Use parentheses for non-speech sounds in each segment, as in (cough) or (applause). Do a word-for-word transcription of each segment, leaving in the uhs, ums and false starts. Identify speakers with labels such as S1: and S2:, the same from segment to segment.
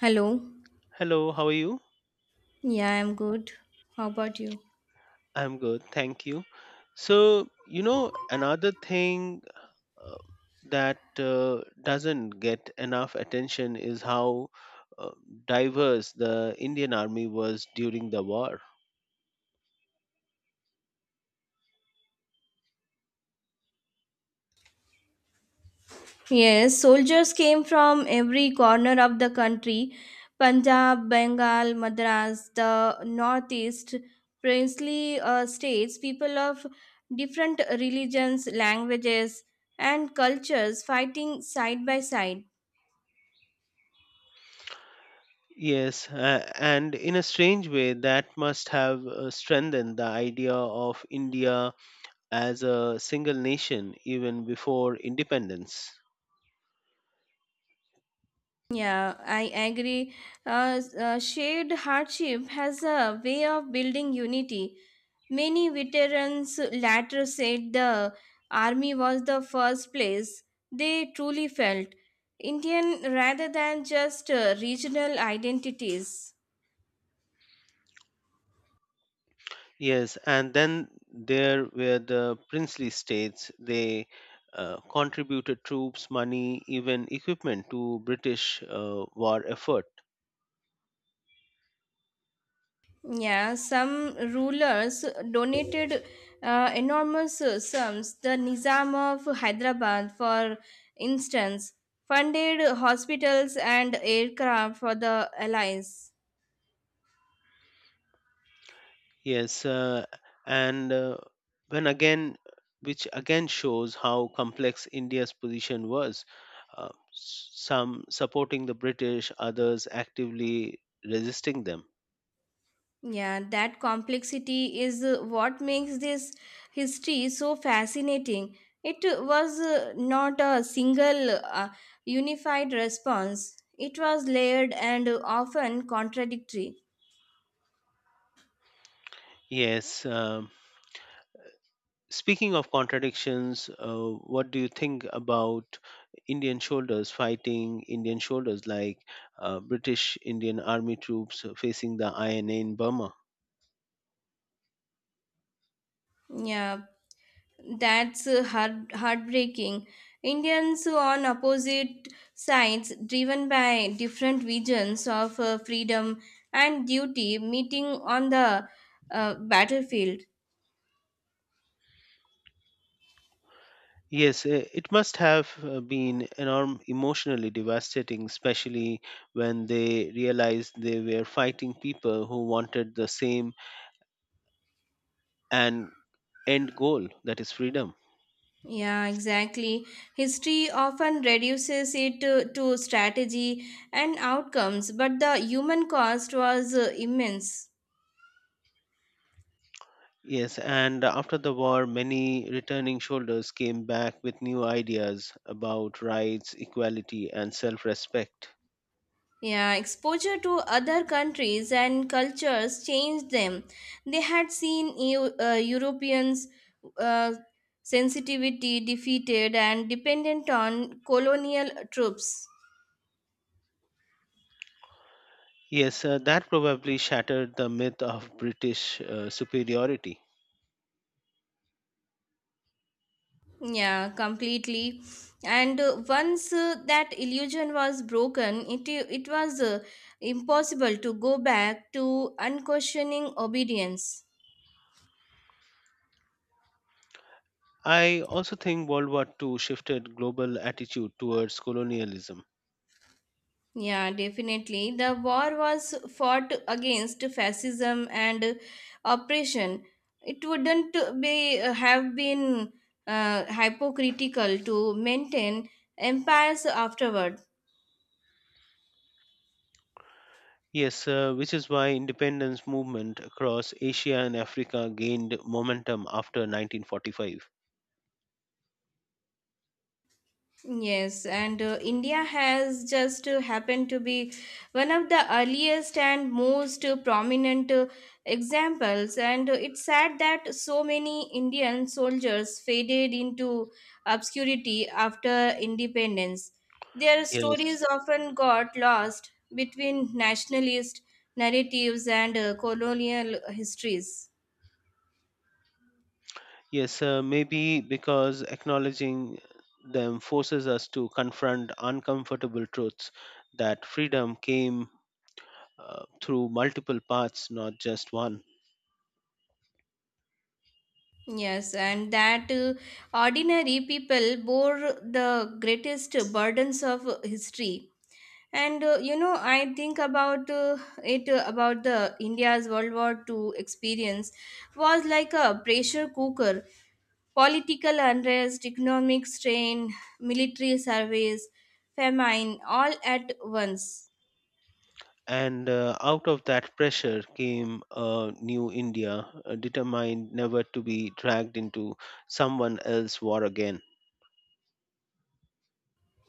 S1: Hello.
S2: Hello, how are you?
S1: Yeah, I'm good. How about you?
S2: I'm good, thank you. So, you know, another thing uh, that uh, doesn't get enough attention is how uh, diverse the Indian Army was during the war.
S1: Yes, soldiers came from every corner of the country: Punjab, Bengal, Madras, the northeast, princely uh, states, people of different religions, languages, and cultures fighting side by side.
S2: Yes, uh, and in a strange way, that must have uh, strengthened the idea of India as a single nation even before independence.
S1: Yeah, I agree. Uh, s- uh, shared hardship has a way of building unity. Many veterans later said the army was the first place they truly felt Indian rather than just uh, regional identities.
S2: Yes, and then there were the princely states. They uh, contributed troops, money, even equipment to British uh, war effort.
S1: Yeah, some rulers donated uh, enormous sums. The Nizam of Hyderabad, for instance, funded hospitals and aircraft for the allies.
S2: Yes, uh, and uh, when again, which again shows how complex India's position was. Uh, s- some supporting the British, others actively resisting them.
S1: Yeah, that complexity is uh, what makes this history so fascinating. It was uh, not a single uh, unified response, it was layered and often contradictory.
S2: Yes, um, Speaking of contradictions, uh, what do you think about Indian soldiers fighting Indian soldiers like uh, British Indian Army troops facing the I N A in Burma?
S1: Yeah, That's uh, heart- heartbreaking. Indians on opposite sides, driven by different visions of uh, freedom and duty, meeting on the uh, battlefield.
S2: Yes, uh, it must have uh, been enorm- emotionally devastating, especially when they realized they were fighting people who wanted the same and end goal, that is freedom.
S1: Yeah, exactly. History often reduces it to, to strategy and outcomes, but the human cost was uh, immense.
S2: Yes, and after the war, many returning soldiers came back with new ideas about rights, equality, and self respect.
S1: Yeah, exposure to other countries and cultures changed them. They had seen Eu- uh, Europeans' uh, sensitivity defeated and dependent on colonial troops.
S2: Yes, uh, that probably shattered the myth of British uh, superiority.
S1: Yeah, completely. And uh, once uh, that illusion was broken, it, it was uh, impossible to go back to unquestioning obedience.
S2: I also think World War Two shifted global attitude towards colonialism.
S1: Yeah, definitely. The war was fought against fascism and oppression. It wouldn't be have been uh, hypocritical to maintain empires afterward.
S2: Yes, uh, which is why independence movement across Asia and Africa gained momentum after nineteen forty-five.
S1: Yes, and uh, India has just uh, happened to be one of the earliest and most uh, prominent uh, examples. And uh, it's sad that so many Indian soldiers faded into obscurity after independence. Their
S2: Yes.
S1: stories often got lost between nationalist narratives and uh, colonial histories.
S2: Yes, uh, maybe because acknowledging them forces us to confront uncomfortable truths that freedom came uh, through multiple paths, not just one.
S1: Yes, and that uh, ordinary people bore the greatest burdens of uh, history. And uh, you know, I think about uh, it uh, about the India's World War Two experience was like a pressure cooker. Political unrest, economic strain, military service, famine, all at once.
S2: And uh, out of that pressure came a new India, uh, determined never to be dragged into someone else's war again.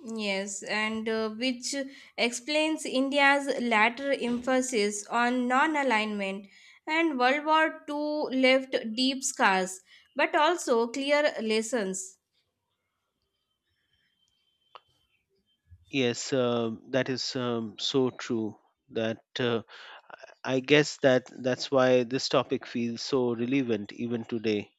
S1: Yes, and uh, which explains India's latter emphasis on non alignment. And World War I I left deep scars, but also clear lessons.
S2: Yes, uh, that is um, so true. That uh, I I guess that that's why this topic feels so relevant even today.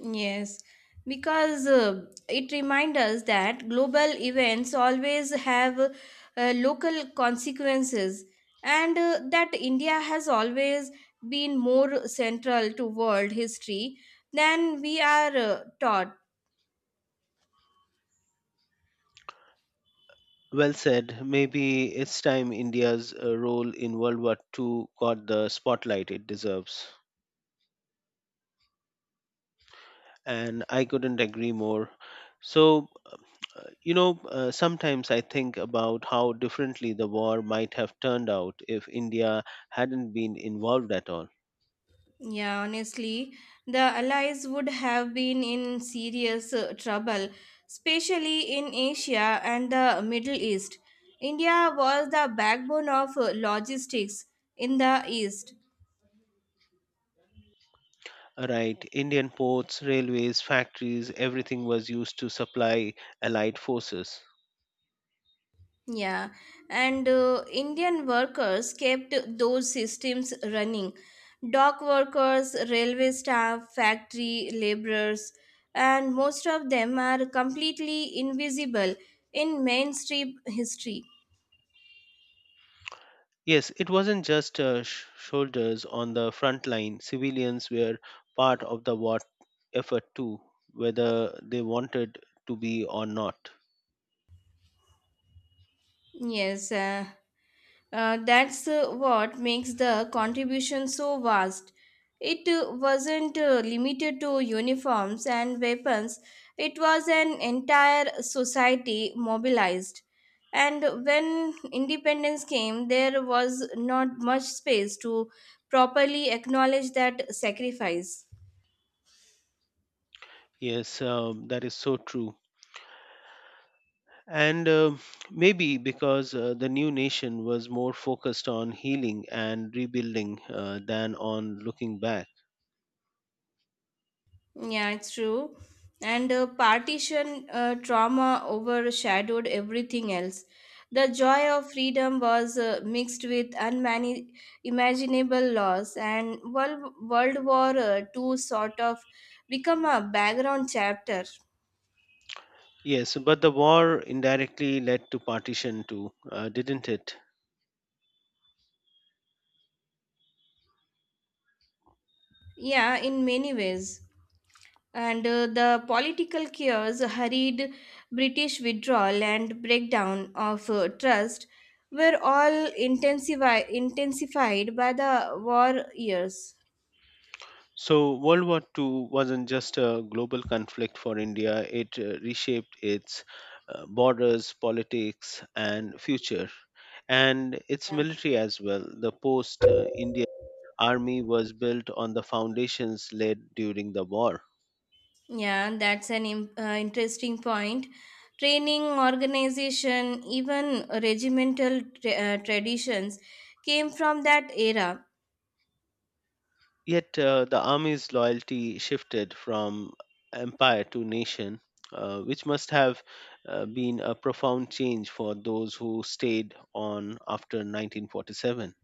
S1: Yes, because uh, it reminds us that global events always have uh, local consequences, and uh, that India has always been more central to world history than we are uh, taught.
S2: Well said. Maybe it's time India's uh, role in World War two got the spotlight it deserves. And I couldn't agree more. So, uh, you know, uh, sometimes I think about how differently the war might have turned out if India hadn't been involved at all.
S1: Yeah, honestly, the Allies would have been in serious uh, trouble, especially in Asia and the Middle East. India was the backbone of uh, logistics in the East.
S2: Right, Indian ports, railways, factories, everything was used to supply Allied forces.
S1: Yeah, and uh, Indian workers kept those systems running. Dock workers, railway staff, factory laborers, and most of them are completely invisible in mainstream history.
S2: Yes, it wasn't just uh, sh- soldiers on the front line. Civilians were part of the war effort too, whether they wanted to be or not.
S1: Yes, uh, uh, that's uh, what makes the contribution so vast. It uh, wasn't uh, limited to uniforms and weapons, it was an entire society mobilized. And when independence came, there was not much space to properly acknowledge that sacrifice.
S2: Yes, um, that is so true. And um maybe because uh, the new nation was more focused on healing and rebuilding uh, than on looking back.
S1: Yeah, it's true. And uh, partition uh, trauma overshadowed everything else. The joy of freedom was uh, mixed with unimaginable loss, and World, World War uh, I I sort of become a background chapter.
S2: Yes, but the war indirectly led to partition too, uh, didn't it?
S1: Yeah, in many ways. And uh, the political chaos, hurried British withdrawal, and breakdown of uh, trust were all intensifi- intensified by the war years.
S2: So, World War two wasn't just a global conflict for India, it uh, reshaped its uh, borders, politics, and future, and its
S1: Yeah,
S2: military as well. The post uh, Indian army was built on the foundations laid during the war.
S1: yeah that's an im- uh, interesting point. Training, organization, even regimental tra- uh, traditions came from that era.
S2: Yet, uh, the army's loyalty shifted from empire to nation, uh, which must have uh, been a profound change for those who stayed on after nineteen forty-seven.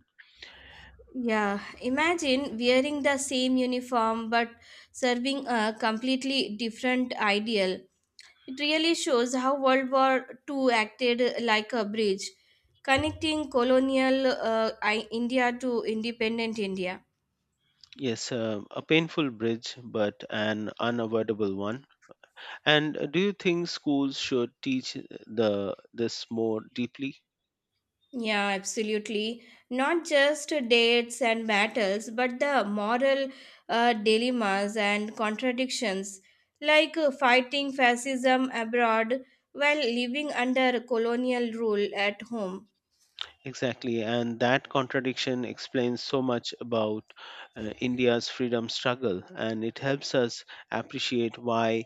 S1: Yeah, imagine wearing the same uniform but serving a completely different ideal. It really shows how World War I I acted like a bridge, connecting colonial uh, I- India to independent India.
S2: Yes, uh, a painful bridge, but an unavoidable one. And uh, do you think schools should teach the this more deeply?
S1: Yeah, absolutely. Not just dates and battles, but the moral uh, dilemmas and contradictions, like uh, fighting fascism abroad while living under colonial rule at home.
S2: Exactly, and that contradiction explains so much about uh, India's freedom struggle, and it helps us appreciate why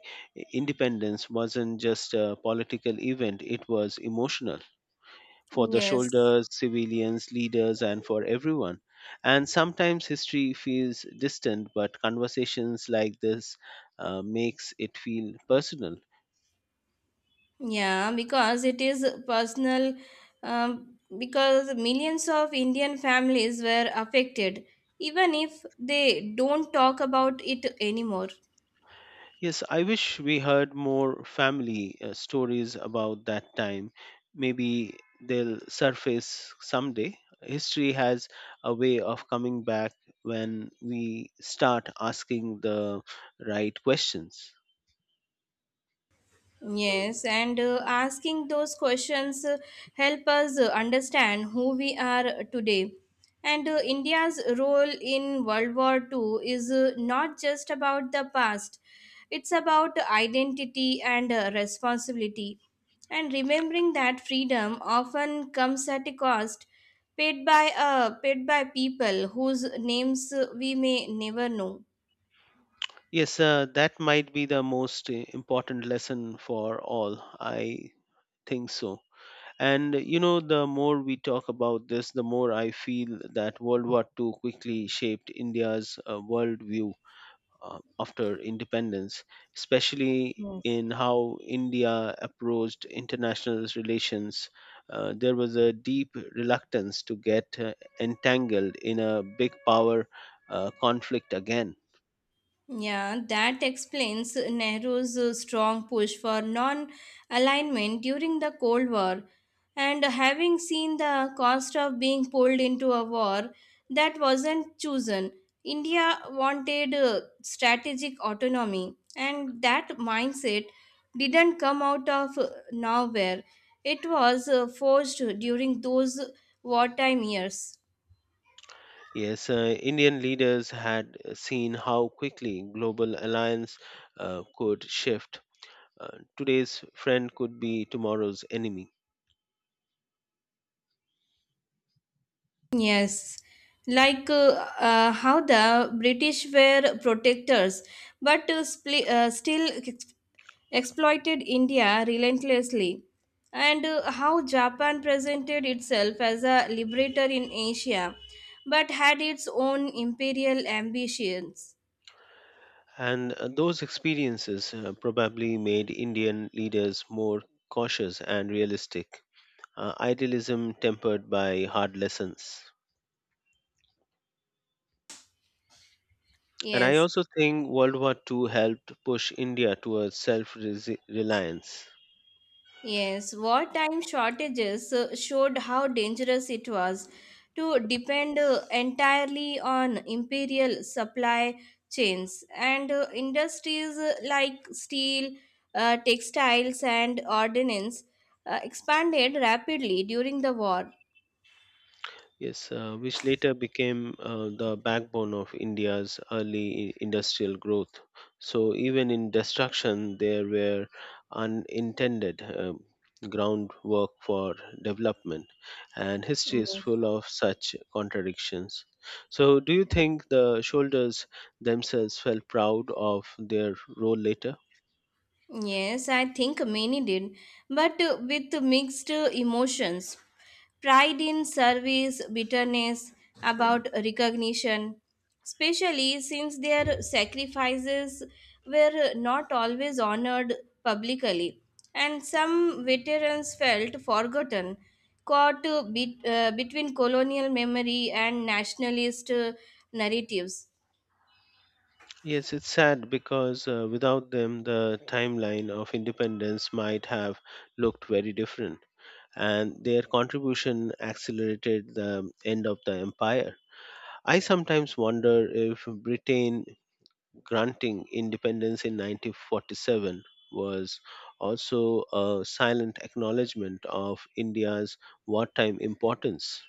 S2: independence wasn't just a political event; it was emotional, for the
S1: Yes.
S2: soldiers, civilians, leaders, and for everyone. And sometimes history feels distant, but conversations like this uh, makes it feel personal.
S1: Yeah, because it is personal, um, because millions of Indian families were affected, even if they don't talk about it anymore.
S2: Yes, I wish we heard more family uh, stories about that time. Maybe they'll surface someday. History has a way of coming back when we start asking the right questions.
S1: Yes, and uh, asking those questions uh, help us uh, understand who we are today. And uh, India's role in World War Two is uh, not just about the past, it's about identity and uh, responsibility. And remembering that freedom often comes at a cost paid by, uh, paid by people whose names uh, we may never know.
S2: Yes, uh, that might be the most uh, important lesson for all. I think so. And uh, you know, the more we talk about this, the more I feel that World War two quickly shaped India's uh, worldview uh, after independence, especially in how India approached international relations. Uh, there was a deep reluctance to get uh, entangled in a big power uh, conflict again.
S1: Yeah, that explains Nehru's uh, strong push for non alignment during the Cold War. And having seen the cost of being pulled into a war that wasn't chosen, India wanted uh, strategic autonomy. And that mindset didn't come out of uh, nowhere, it was uh, forged during those wartime years.
S2: Yes, uh, Indian leaders had uh, seen how quickly global alliance uh, could shift. Uh, today's friend could be tomorrow's enemy.
S1: Yes, like uh, uh, how the British were protectors, but uh, spli- uh, still ex- exploited India relentlessly, and uh, how Japan presented itself as a liberator in Asia, but had its own imperial ambitions.
S2: And uh, those experiences uh, probably made Indian leaders more cautious and realistic, uh, idealism tempered by hard lessons. And I
S1: Yes.
S2: also think World War two helped push India towards self reliance.
S1: Yes, wartime shortages uh, showed how dangerous it was to depend uh, entirely on imperial supply chains, and uh, industries uh, like steel, uh, textiles, and ordnance uh, expanded rapidly during the war.
S2: Yes, uh, which later became uh, the backbone of India's early i- industrial growth. So, even in destruction, there were unintended um, groundwork for development, and history is
S1: Yes.
S2: full of such contradictions. So, do you think the soldiers themselves felt proud of their role later?
S1: Yes, I think many did, but uh, with mixed uh, emotions. Pride in service, bitterness about recognition, especially since their sacrifices were not always honored publicly, and some veterans felt forgotten, caught uh, bet- uh, between colonial memory and nationalist uh, narratives.
S2: Yes, it's sad because uh, without them, the timeline of independence might have looked very different, and their contribution accelerated the end of the empire. I sometimes wonder if Britain granting independence in nineteen forty-seven was also a silent acknowledgement of India's wartime importance.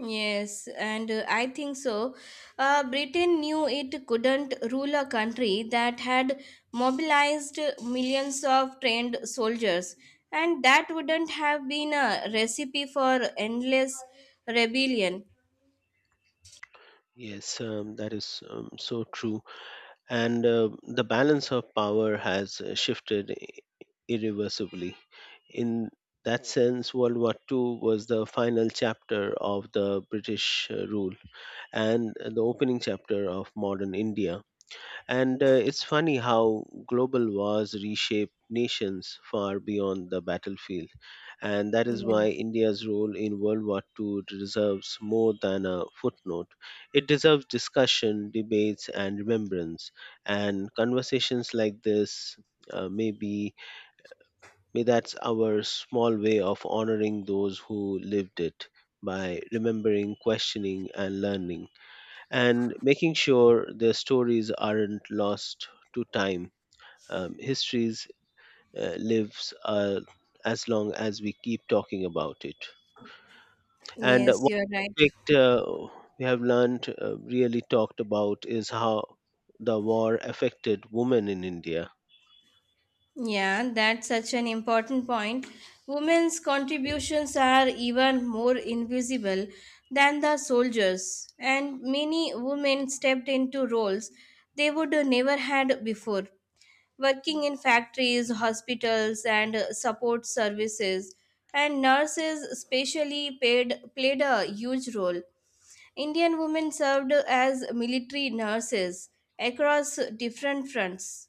S1: Yes, and uh, I think so. Uh, Britain knew it couldn't rule a country that had mobilized millions of trained soldiers, and that wouldn't have been a recipe for endless rebellion.
S2: Yes, um, that is um, so true. And uh, the balance of power has uh, shifted irreversibly. In that sense, World War two was the final chapter of the British uh, rule and the opening chapter of modern India. And uh, it's funny how global wars reshaped nations far beyond the battlefield. And that is why
S1: Yeah.
S2: India's role in World War two deserves more than a footnote. It deserves discussion, debates, and remembrance. And conversations like this uh, may be May that's our small way of honoring those who lived it by remembering, questioning, and learning, and making sure their stories aren't lost to time. Um, histories uh, lives uh, as long as we keep talking about it. And
S1: Yes,
S2: one
S1: you're right.
S2: aspect uh, we have learned, uh, really talked about, is how the war affected women in India.
S1: Yeah, that's such an important point. Women's contributions are even more invisible than the soldiers, and many women stepped into roles they would never had before, working in factories, hospitals, and support services. And nurses, especially, paid, played a huge role. Indian women served as military nurses across different fronts.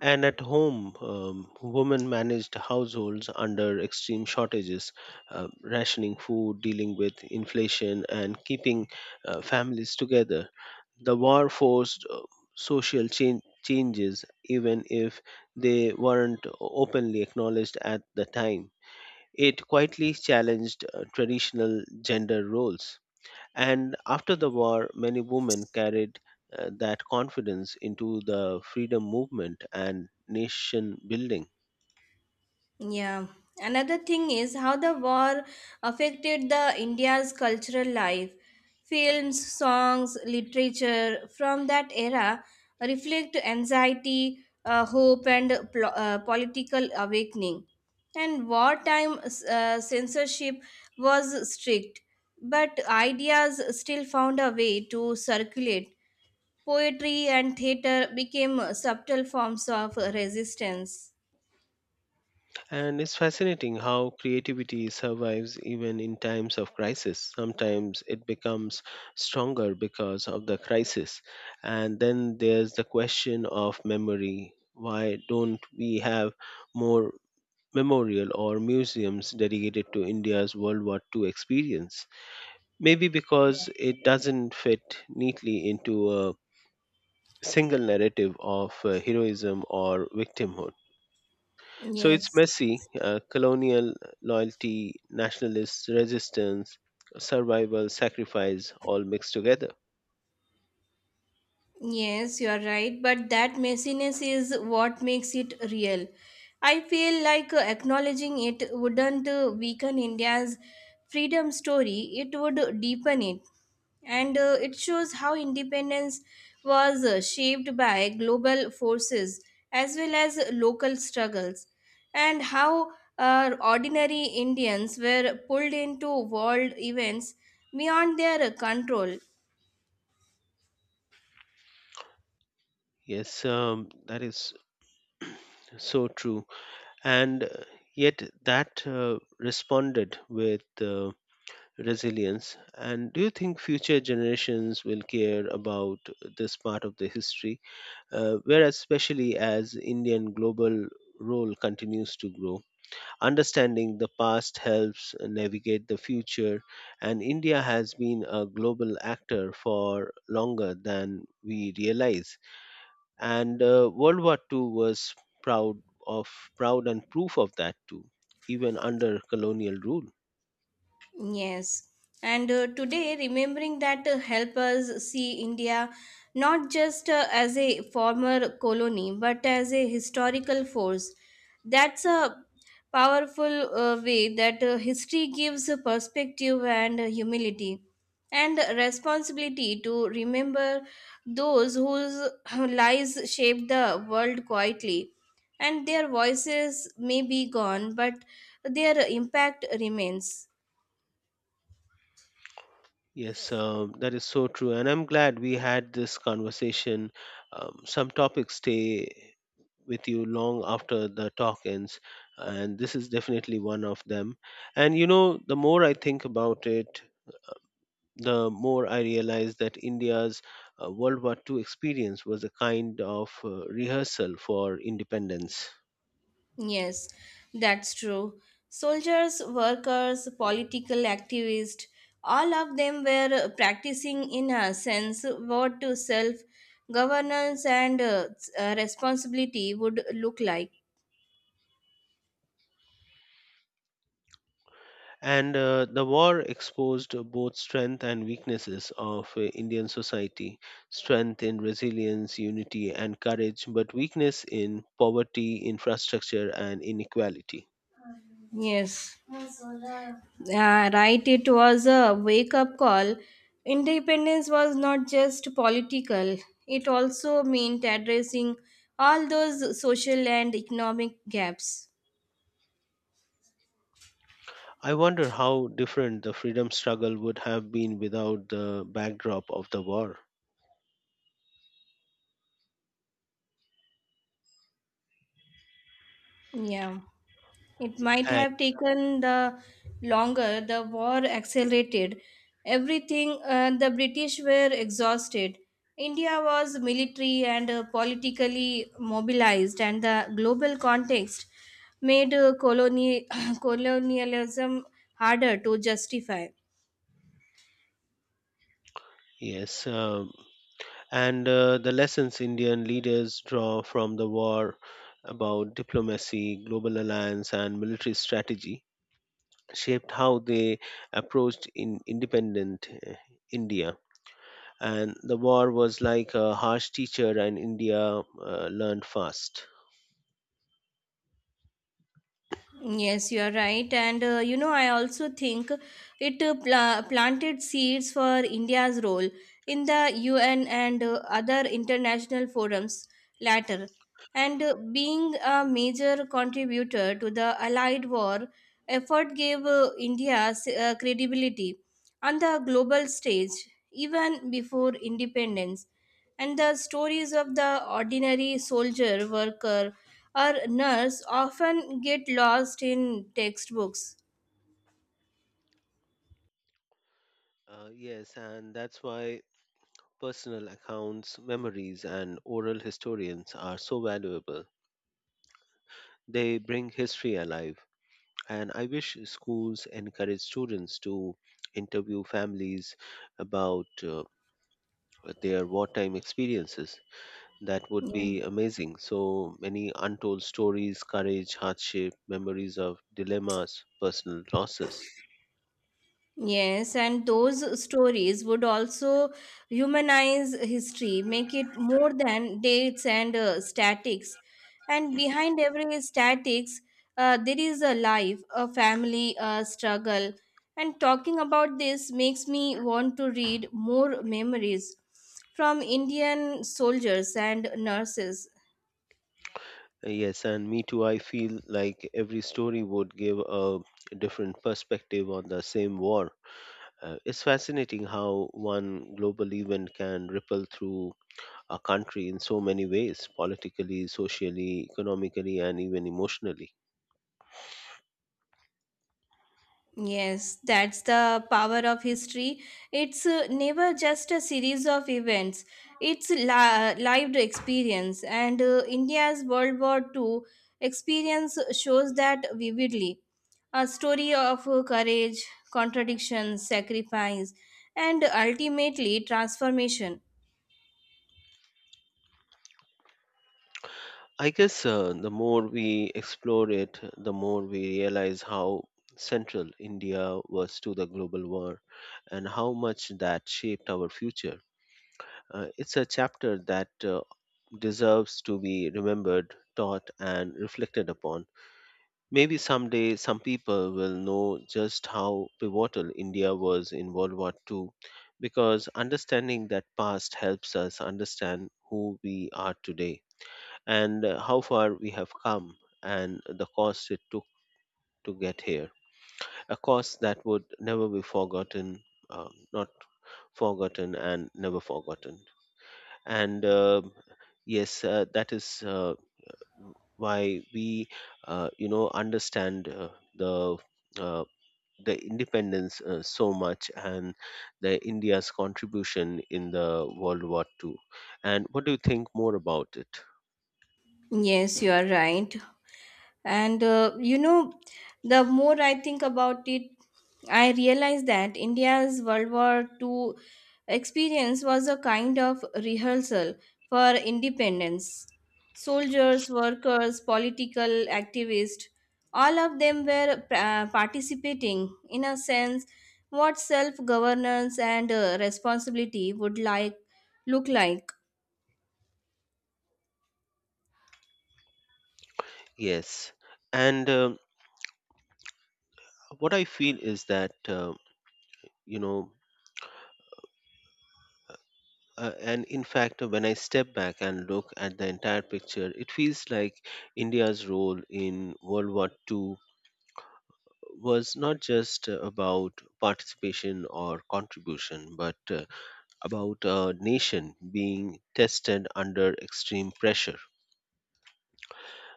S2: And at home, um, women managed households under extreme shortages, uh, rationing food, dealing with inflation, and keeping uh, families together. The war forced uh, social chan- changes, even if they weren't openly acknowledged at the time. It quietly challenged uh, traditional gender roles. And after the war, many women carried uh, that confidence into the freedom movement and nation building.
S1: Yeah. Another thing is how the war affected the India's cultural life. Films, songs, literature from that era reflect anxiety, uh, hope, and pl- uh, political awakening. And wartime uh, censorship was strict, but ideas still found a way to circulate. Poetry and theater became subtle forms of resistance.
S2: And it's fascinating how creativity survives even in times of crisis. Sometimes it becomes stronger because of the crisis. And then there's the question of memory. Why don't we have more memorial or museums dedicated to India's World War two experience? Maybe because it doesn't fit neatly into a single narrative of uh, heroism or victimhood. So it's
S1: Yes.
S2: messy, uh, colonial loyalty, nationalist resistance, survival, sacrifice, all mixed together.
S1: Yes, you are right, but that messiness is what makes it real. I feel like uh, acknowledging it wouldn't uh, weaken India's freedom story, it would deepen it. And uh, it shows how independence was uh, shaped by global forces as well as local struggles, and how uh, ordinary Indians were pulled into world events beyond their control.
S2: Yes, um, that is so true. And uh, yet, that uh, responded with uh, resilience. And do you think future generations will care about this part of the history? Uh, whereas, especially as Indian global role continues to grow, understanding the past helps navigate the future, and India has been a global actor for longer than we realize. And uh, World War two was proud of proud and proof of that too, even under colonial rule.
S1: Yes, and uh, today remembering that uh, help us see India not just uh, as a former colony but as a historical force. That's a powerful uh, way that uh, history gives a perspective and uh, humility and responsibility to remember those whose (clears throat) lives shaped the world quietly, and their voices may be gone but their impact remains.
S2: Yes, um, that is so true, and I'm glad we had this conversation. Um, some topics stay with you long after the talk ends, and this is definitely one of them. And you know, the more I think about it, the more I realize that India's uh, World War II experience was a kind of uh, rehearsal for independence.
S1: Yes, that's true. Soldiers, workers, political activists, all of them were practicing, in a sense, what to self governance and uh, uh, responsibility would look like.
S2: And uh, the war exposed both strength and weaknesses of uh, Indian society, strength in resilience, unity, and courage, but weakness in poverty, infrastructure, and inequality.
S1: Yes. Yeah, right. It was a wake up call. Independence was not just political, it also meant addressing all those social and economic gaps.
S2: I wonder how different the freedom struggle would have been without the backdrop of the war.
S1: Yeah. It might
S2: And
S1: have taken the longer, the war accelerated. Everything uh, the British were exhausted. India was military and uh, politically mobilized, and the global context made uh, coloni- (coughs) (clears throat) colonialism harder to justify.
S2: yes, um, and uh, the lessons Indian leaders draw from the war about diplomacy, global alliance, and military strategy shaped how they approached in independent uh, India. And the war was like a harsh teacher, and India uh, learned fast.
S1: Yes, you are right. And uh, you know, I also think it uh, pla- planted seeds for India's role in the U N and uh, other international forums later, and uh, being a major contributor to the Allied war effort gave uh, India s- uh, credibility on the global stage even before independence. And the stories of the ordinary soldier, worker, or nurse often get lost in textbooks.
S2: Uh, yes, and that's why personal accounts, memories, and oral historians are so valuable. They bring history alive, and I wish schools encourage students to interview families about uh, their wartime experiences. That would
S1: Yeah.
S2: be amazing. So many untold stories, courage, hardship, memories of dilemmas, personal losses.
S1: Yes, and those stories would also humanize history, make it more than dates and uh, statics. And behind every statics, uh, there is a life, a family, a struggle. And talking about this makes me want to read more memories from Indian soldiers and nurses.
S2: Uh, Yes, and me too. I feel like every story would give a different perspective on the same war. Uh, it's fascinating how one global event can ripple through a country in so many ways, politically, socially, economically, and even emotionally.
S1: Yes, that's the power of history. It's uh, never just a series of events. It's li- lived experience, and uh, India's World War Two experience shows that vividly. A story of uh, courage, contradiction, sacrifice, and ultimately transformation.
S2: I guess uh, the more we explore it, the more we realize how central India was to the global war and how much that shaped our future. Uh, it's a chapter that uh, deserves to be remembered, taught, and reflected upon. Maybe someday some people will know just how pivotal India was in World War two, because understanding that past helps us understand who we are today and uh, how far we have come and the cost it took to get here. A cost that would never be forgotten, um, not forgotten, and never forgotten. And um yes, uh, that is uh, why we uh, you know, understand uh, the uh, the independence uh, so much and the India's contribution in the World War Two. And what do you think more about it?
S1: Yes, you are right. And uh, you know, the more I think about it, I realize that India's World War I I experience was a kind of rehearsal for independence. Soldiers, workers, political activists, all of them were uh, participating, in a sense, what self governance and uh, responsibility would like look like.
S2: Yes. And um what I feel is that, uh, you know, uh, and in fact, uh, when I step back and look at the entire picture, it feels like India's role in World War Two was not just uh, about participation or contribution, but uh, about a nation being tested under extreme pressure,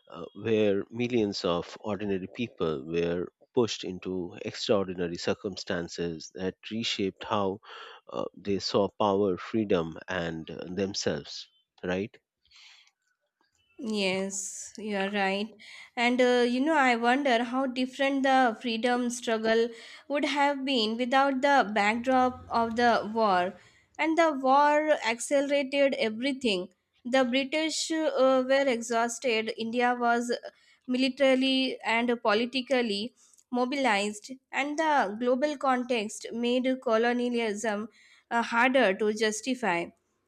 S2: uh, where millions of ordinary people were pushed into extraordinary circumstances that reshaped how uh, they saw power, freedom, and uh, themselves, right?
S1: Yes, you are right. And uh, you know, I wonder how different the freedom struggle would have been without the backdrop of the war. And the war accelerated everything. The British uh, were exhausted, India was militarily and politically mobilized, and the global context made colonialism uh, harder to justify,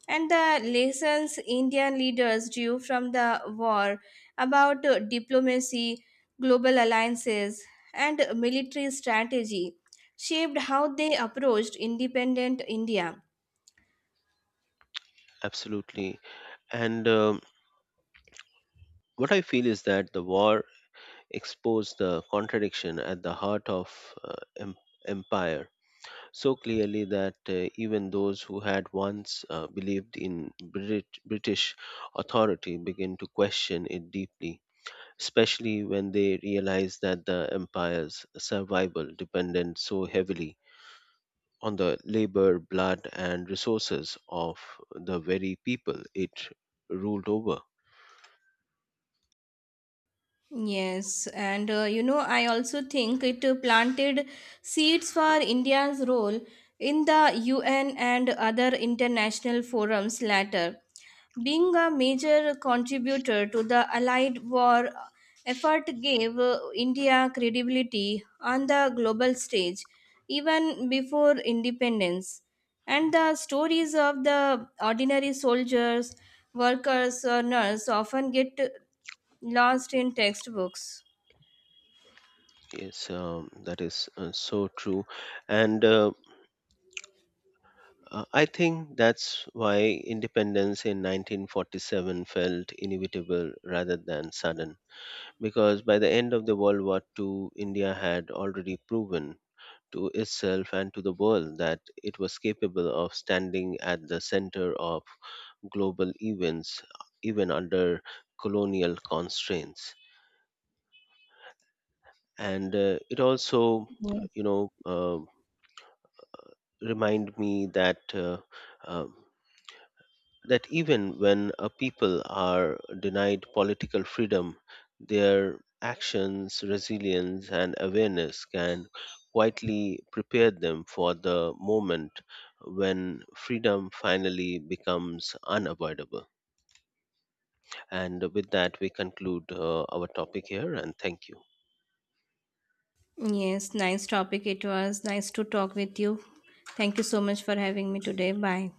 S1: and the lessons Indian leaders drew from the war about uh, diplomacy, global alliances, and military strategy shaped how they approached independent India.
S2: Absolutely. And um, what I feel is that the war exposed the contradiction at the heart of uh, em- empire so clearly that uh, even those who had once uh, believed in Brit- British authority begin to question it deeply, especially when they realize that the empire's survival depended so heavily on the labor, blood, and resources of the very people it ruled over.
S1: Yes, and uh, you know, I also think it uh, planted seeds for India's role in the U N and other international forums later, being a major contributor to the Allied war effort gave uh, India credibility on the global stage even before independence. And the stories of the ordinary soldiers, workers, or nurses often get lost in textbooks.
S2: Yes, um, that is uh, so true. And uh, Uh, I think that's why independence in nineteen forty-seven felt inevitable rather than sudden, because by the end of the World War two, India had already proven to itself and to the world that it was capable of standing at the center of global events, even under colonial constraints. And uh, it also,
S1: Yes.
S2: you know, uh, remind me that Uh, uh, that even when a people are denied political freedom, their actions, resilience, and awareness can quietly prepare them for the moment when freedom finally becomes unavoidable. And with that, we conclude uh, our topic here, and thank you.
S1: Yes, nice topic it was. Nice to talk with you. Thank you so much for having me today. Bye.